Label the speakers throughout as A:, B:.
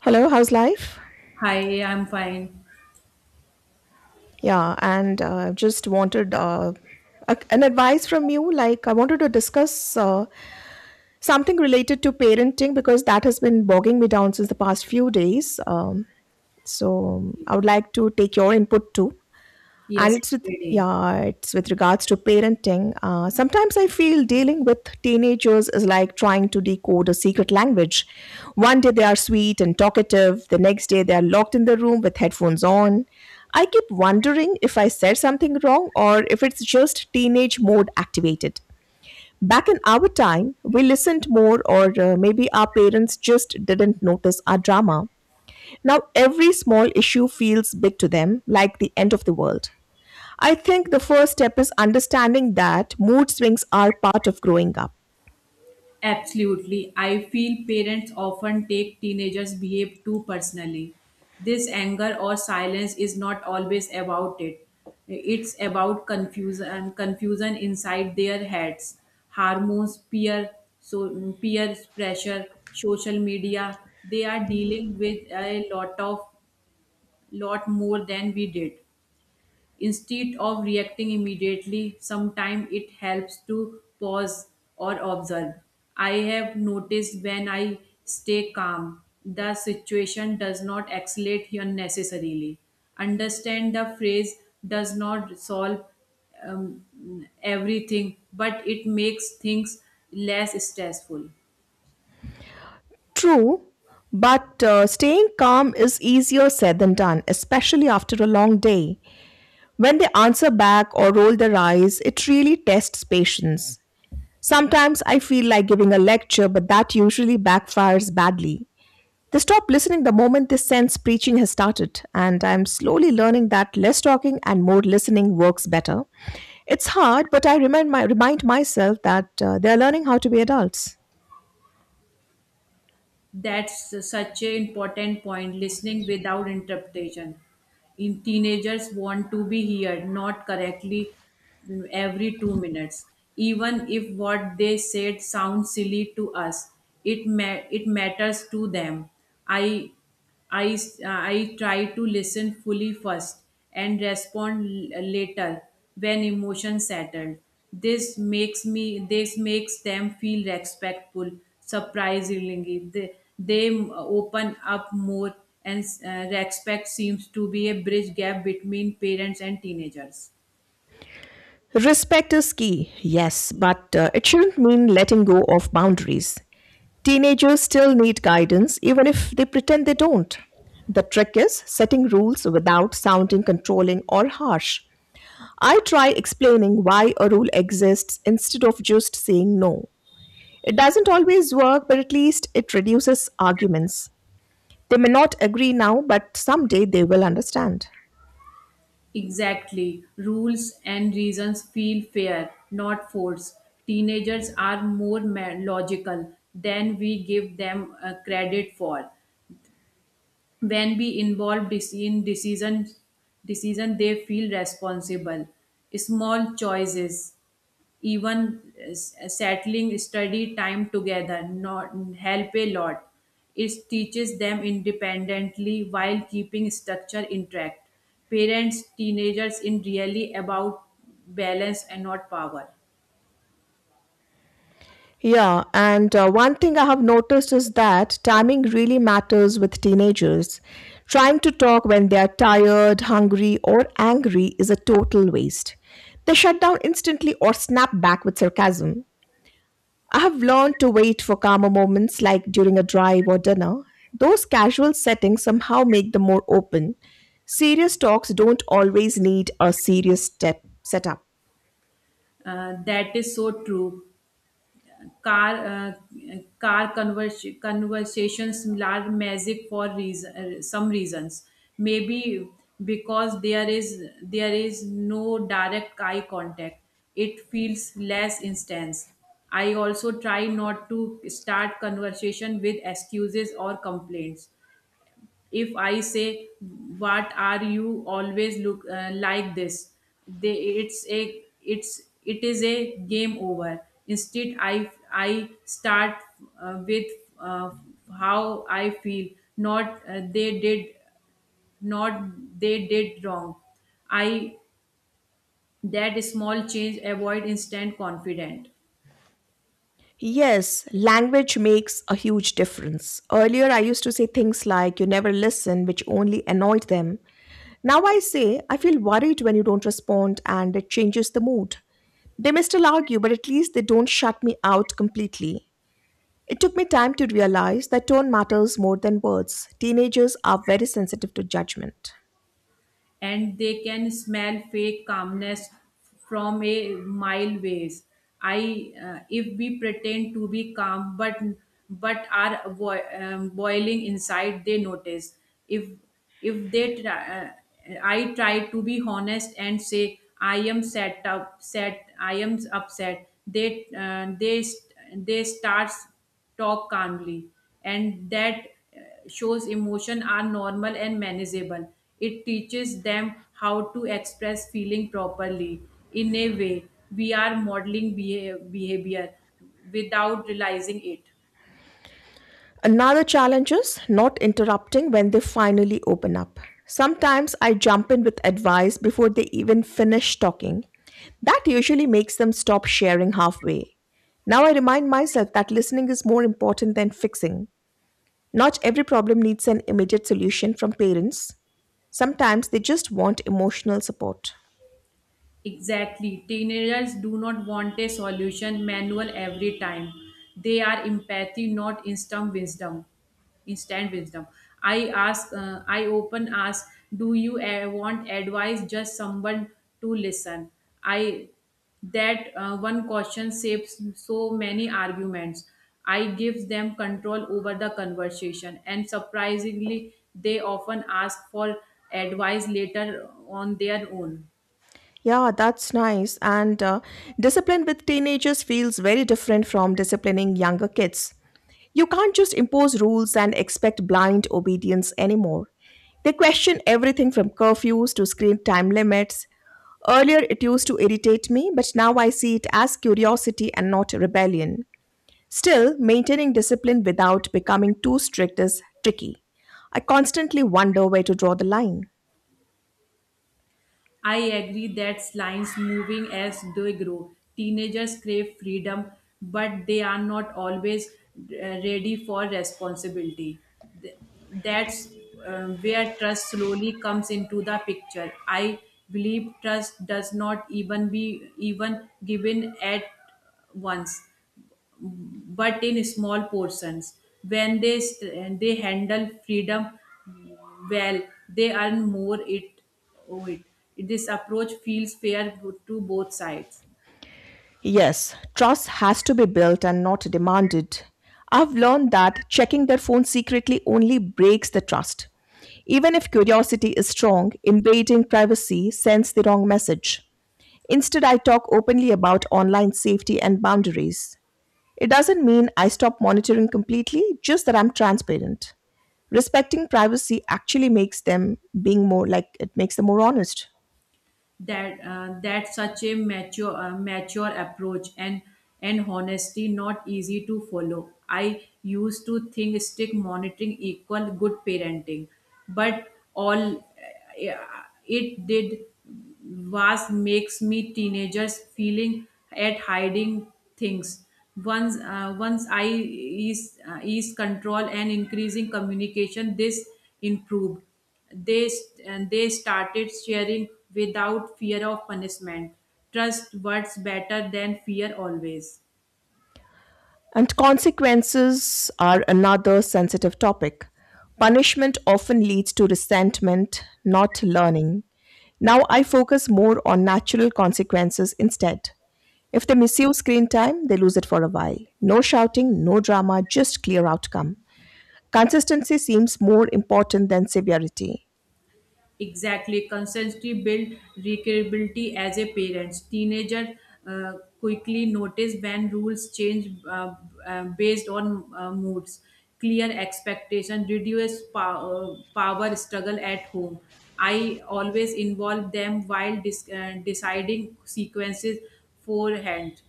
A: Hello, how's life?
B: Hi, I'm fine.
A: Yeah, and just wanted an advice from you. Like, I wanted to discuss something related to parenting because that has been bogging me down since the past few days. So, I would like to take your input too.
B: Yes,
A: And it's with
B: today.
A: yeah it's with regards to parenting. Sometimes I feel dealing with teenagers is like trying to decode a secret language. One day they are sweet and talkative, the next day they are locked in the room with headphones on. I keep wondering if I said something wrong or if it's just teenage mode activated. Back in our time we listened more, or maybe our parents just didn't notice our drama. Now every small issue feels big to them, like the end of the world. I think the first step is understanding that mood swings are part of growing up.
B: Absolutely. I feel parents often take teenagers' behave too personally. This anger or silence is not always about it. It's about confusion inside their heads. Hormones, peer so peer pressure, social media. They are dealing with a lot more than we did. Instead of reacting immediately, sometimes it helps to pause or observe. I have noticed when I stay calm, the situation does not escalate unnecessarily. Understand the phrase does not solve everything, but it makes things less stressful.
A: True, but staying calm is easier said than done, especially after a long day. When they answer back or roll their eyes, it really tests patience. Sometimes I feel like giving a lecture, but that usually backfires badly. They stop listening the moment they sense preaching has started, and I'm slowly learning that less talking and more listening works better. It's hard, but I remind myself that they're learning how to be adults.
B: That's such an important point listening without interpretation. In teenagers want to be heard, not correctly every 2 minutes. Even if what they said sounds silly to us, it matters to them. I I try to listen fully first and respond later when emotions settled. This makes me this makes them feel respectful. Surprisingly, open up more, and respect seems to be a bridge gap between parents and teenagers.
A: Respect is key, yes, but it shouldn't mean letting go of boundaries. Teenagers still need guidance, even if they pretend they don't. The trick is setting rules without sounding controlling or harsh. I try explaining why a rule exists instead of just saying no. It doesn't always work, but at least it reduces arguments. They may not agree now, but someday they will understand.
B: Exactly. Rules and reasons feel fair, not forced. Teenagers are more logical than we give them credit for. When we involve decision, they feel responsible. Small choices even settling study time together not help a lot. It teaches them independently while keeping structure intact. Parents teenagers in really about balance and not power.
A: Yeah, and one thing I have noticed is that timing really matters with teenagers. Trying to talk when they are tired, hungry, or angry is a total waste. They shut down instantly or snap back with sarcasm. I have learned to wait for calmer moments like during a drive or dinner. Those casual settings somehow make them more open. Serious talks don't always need a serious step setup.
B: That is so true. car uh, Car conversations are magic for reason, some reasons maybe because there is no direct eye contact. It feels less intense. I also try not to start conversation with excuses or complaints. If I say, what are you always look like this, they, it is a game over. Instead I start with uh, how I feel, not they did not, they did wrong. I, that small change avoid instant confident.
A: Yes, language makes a huge difference. Earlier, I used to say things like, you never listen, which only annoyed them. Now I say, I feel worried when you don't respond, and it changes the mood. They may still argue, but at least they don't shut me out completely. It took me time to realize that tone matters more than words. Teenagers are very sensitive to judgment.
B: And they can smell fake calmness from a mile ways. I If we pretend to be calm but are boiling inside, they notice. If if they try, I try to be honest and say I am set up, set I am upset. They starts talk calmly, and that shows emotion are normal and manageable. It teaches them how to express feeling properly. In a way, we are modeling behavior without realizing it.
A: Another challenge is not interrupting when they finally open up. Sometimes I jump in with advice before they even finish talking. That usually makes them stop sharing halfway. Now I remind myself that listening is more important than fixing. Not every problem needs an immediate solution from parents. Sometimes they just want emotional support.
B: Exactly. Teenagers do not want a solution manual every time. They are empathy, not instant wisdom. Instant wisdom. I often ask, do you want advice? Just someone to listen. I that one question saves so many arguments. I give them control over the conversation, and surprisingly, they often ask for advice later on their own.
A: Yeah, that's nice. And discipline with teenagers feels very different from disciplining younger kids. You can't just impose rules and expect blind obedience anymore. They question everything from curfews to screen time limits. Earlier, it used to irritate me, but now I see it as curiosity and not rebellion. Still, maintaining discipline without becoming too strict is tricky. I constantly wonder where to draw the line.
B: I agree that lines moving as they grow. Teenagers crave freedom, but they are not always ready for responsibility. Th- That's where trust slowly comes into the picture. I believe trust does not even given at once, but in small portions. When they handle freedom well, they earn more. It, oh, it. This approach feels fair to both sides.
A: Yes, trust has to be built and not demanded. I've learned that checking their phone secretly only breaks the trust. Even if curiosity is strong, invading privacy sends the wrong message. Instead, I talk openly about online safety and boundaries. It doesn't mean I stop monitoring completely, just that I'm transparent. Respecting privacy actually makes them being more like it makes them more honest.
B: That such a mature approach, and honesty not easy to follow. I used to think strict monitoring equal good parenting, but all it did was makes me teenagers feeling at hiding things. Once once I is control and increasing communication, this improved. They started sharing without fear of punishment. Trust works better than fear always.
A: And consequences are another sensitive topic. Punishment often leads to resentment, not learning. Now I focus more on natural consequences instead. If they misuse screen time, they lose it for a while. No shouting, no drama, just clear outcome. Consistency seems more important than severity.
B: Exactly, consistency build recreability as a parent teenager. uh, quickly notice when rules change, based on moods. Clear expectation reduce power struggle at home. I always involve them while deciding sequences forehand.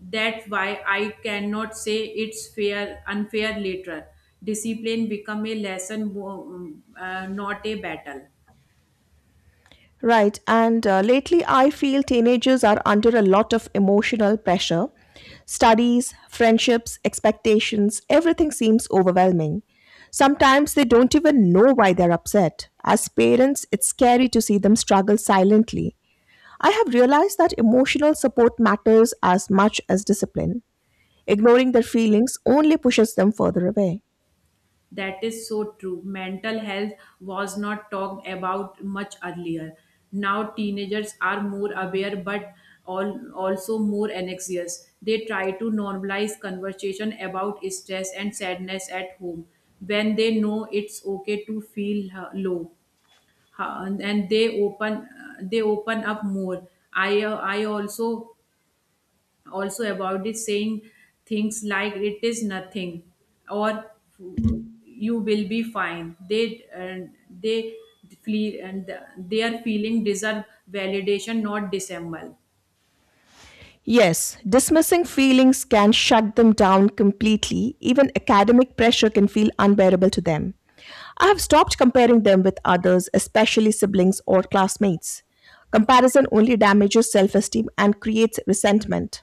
B: That's why I cannot say it's fair unfair later. Discipline become a lesson, not a battle.
A: Right. And lately, I feel teenagers are under a lot of emotional pressure. Studies, friendships, expectations, everything seems overwhelming. Sometimes they don't even know why they're upset. As parents, it's scary to see them struggle silently. I have realized that emotional support matters as much as discipline. Ignoring their feelings only pushes them further away.
B: That is so true. Mental health was not talked about much earlier. Now teenagers are more aware, but also more anxious. They try to normalize conversation about stress and sadness at home. When they know it's okay to feel low. Ha- and they open up more. I also also about it saying things like it is nothing, or you will be fine. Uh, they flee, and their feeling deserve validation, not dissemble.
A: Yes, dismissing feelings can shut them down completely. Even academic pressure can feel unbearable to them. I have stopped comparing them with others, especially siblings or classmates. Comparison only damages self esteem and creates resentment.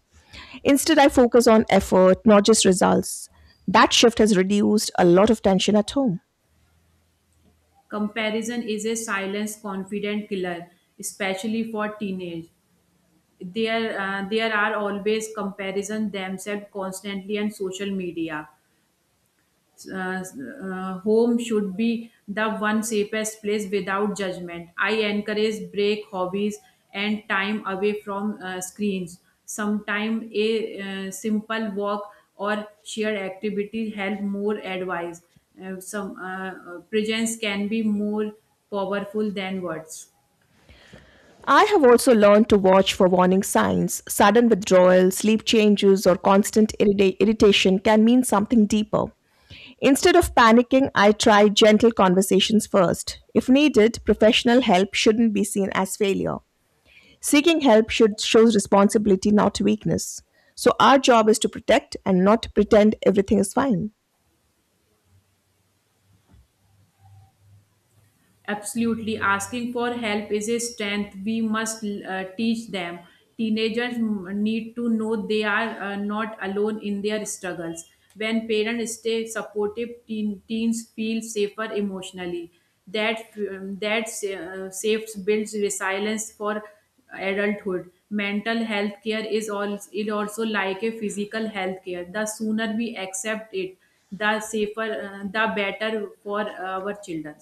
A: Instead, I focus on effort, not just results. That shift has reduced a lot of tension at home.
B: Comparison is a silence confident killer, especially for teenage. There are always comparison themselves constantly on social media. Home should be the one safest place without judgment. I encourage break hobbies and time away from screens. Sometimes a simple walk or shared activity help more advice. Some presence can be more powerful than words.
A: I have also learned to watch for warning signs. Sudden withdrawal, sleep changes, or constant irritation can mean something deeper. Instead of panicking, I try gentle conversations first. If needed, professional help shouldn't be seen as failure. Seeking help should shows responsibility, not weakness. So our job is to protect and not pretend everything is fine.
B: Absolutely, asking for help is a strength we must teach them. Teenagers need to know they are not alone in their struggles. When parents stay supportive, teens feel safer emotionally. That that safe builds resilience for adulthood. Mental health care is also like a physical health care. The sooner we accept it, the safer, the better for our children.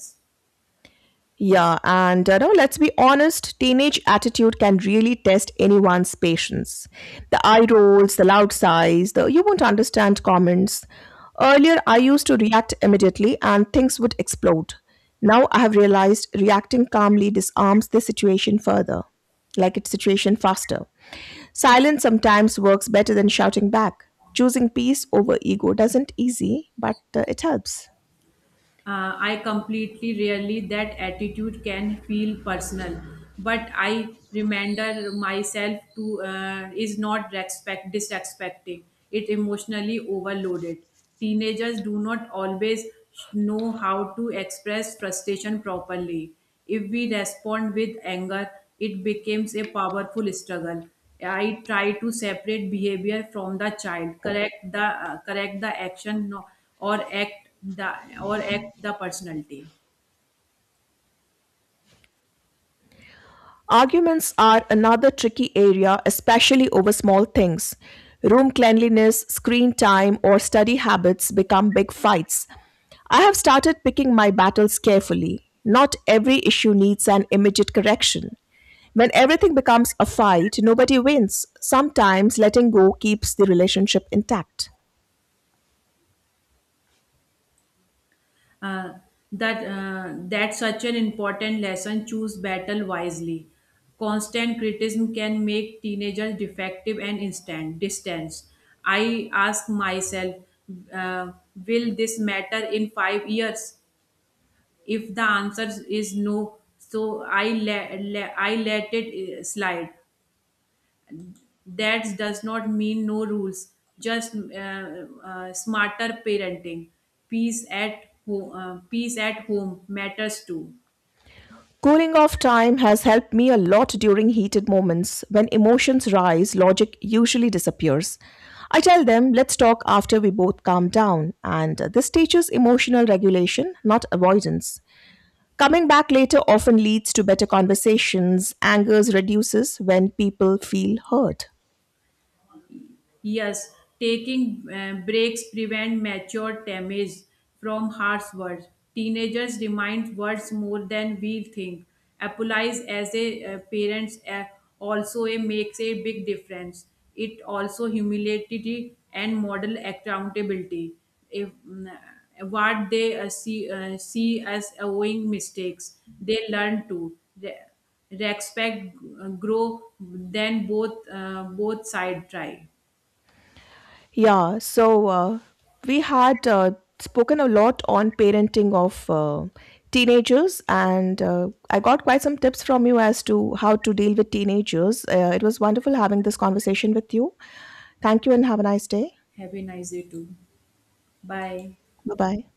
A: Yeah, and you know, let's be honest, teenage attitude can really test anyone's patience. The eye rolls, the loud sighs, the you won't understand comments. Earlier, I used to react immediately and things would explode. Now I have realized reacting calmly disarms the situation further, like its situation faster. Silence sometimes works better than shouting back. Choosing peace over ego doesn't easy, but it helps.
B: I completely really that attitude can feel personal, but I remember myself to is not respect disrespecting. It emotionally overloaded teenagers do not always know how to express frustration properly. If we respond with anger, it becomes a powerful struggle. I try to separate behavior from the child, correct the action or act the personality.
A: Arguments are another tricky area, especially over small things. Room cleanliness, screen time, or study habits become big fights. I have started picking my battles carefully. Not every issue needs an immediate correction. When everything becomes a fight, nobody wins. Sometimes letting go keeps the relationship intact.
B: Uh, that such an important lesson. Choose battle wisely. Constant criticism can make teenagers defective and instant distance. I ask myself, uh, will this matter in 5 years? If the answer is no, so I let it slide. That does not mean no rules, just smarter parenting. Peace at home matters too.
A: Cooling off time has helped me a lot during heated moments. When emotions rise, logic usually disappears. I tell them, let's talk after we both calm down, and this teaches emotional regulation, not avoidance. Coming back later often leads to better conversations. Anger reduces when people feel heard.
B: Yes, taking breaks prevent mature damage from harsh words. Teenagers remind words more than we think. Applies as a parents also a, makes a big difference. It also humility and model accountability. If mm, what they see as owing mistakes, they learn to. Respect grow then both side try.
A: Yeah, so uh, we had spoken a lot on parenting of teenagers, and I got quite some tips from you as to how to deal with teenagers. It was wonderful having this conversation with you. Thank you and have a nice day.
B: Happy nice day too. Bye.
A: Bye bye.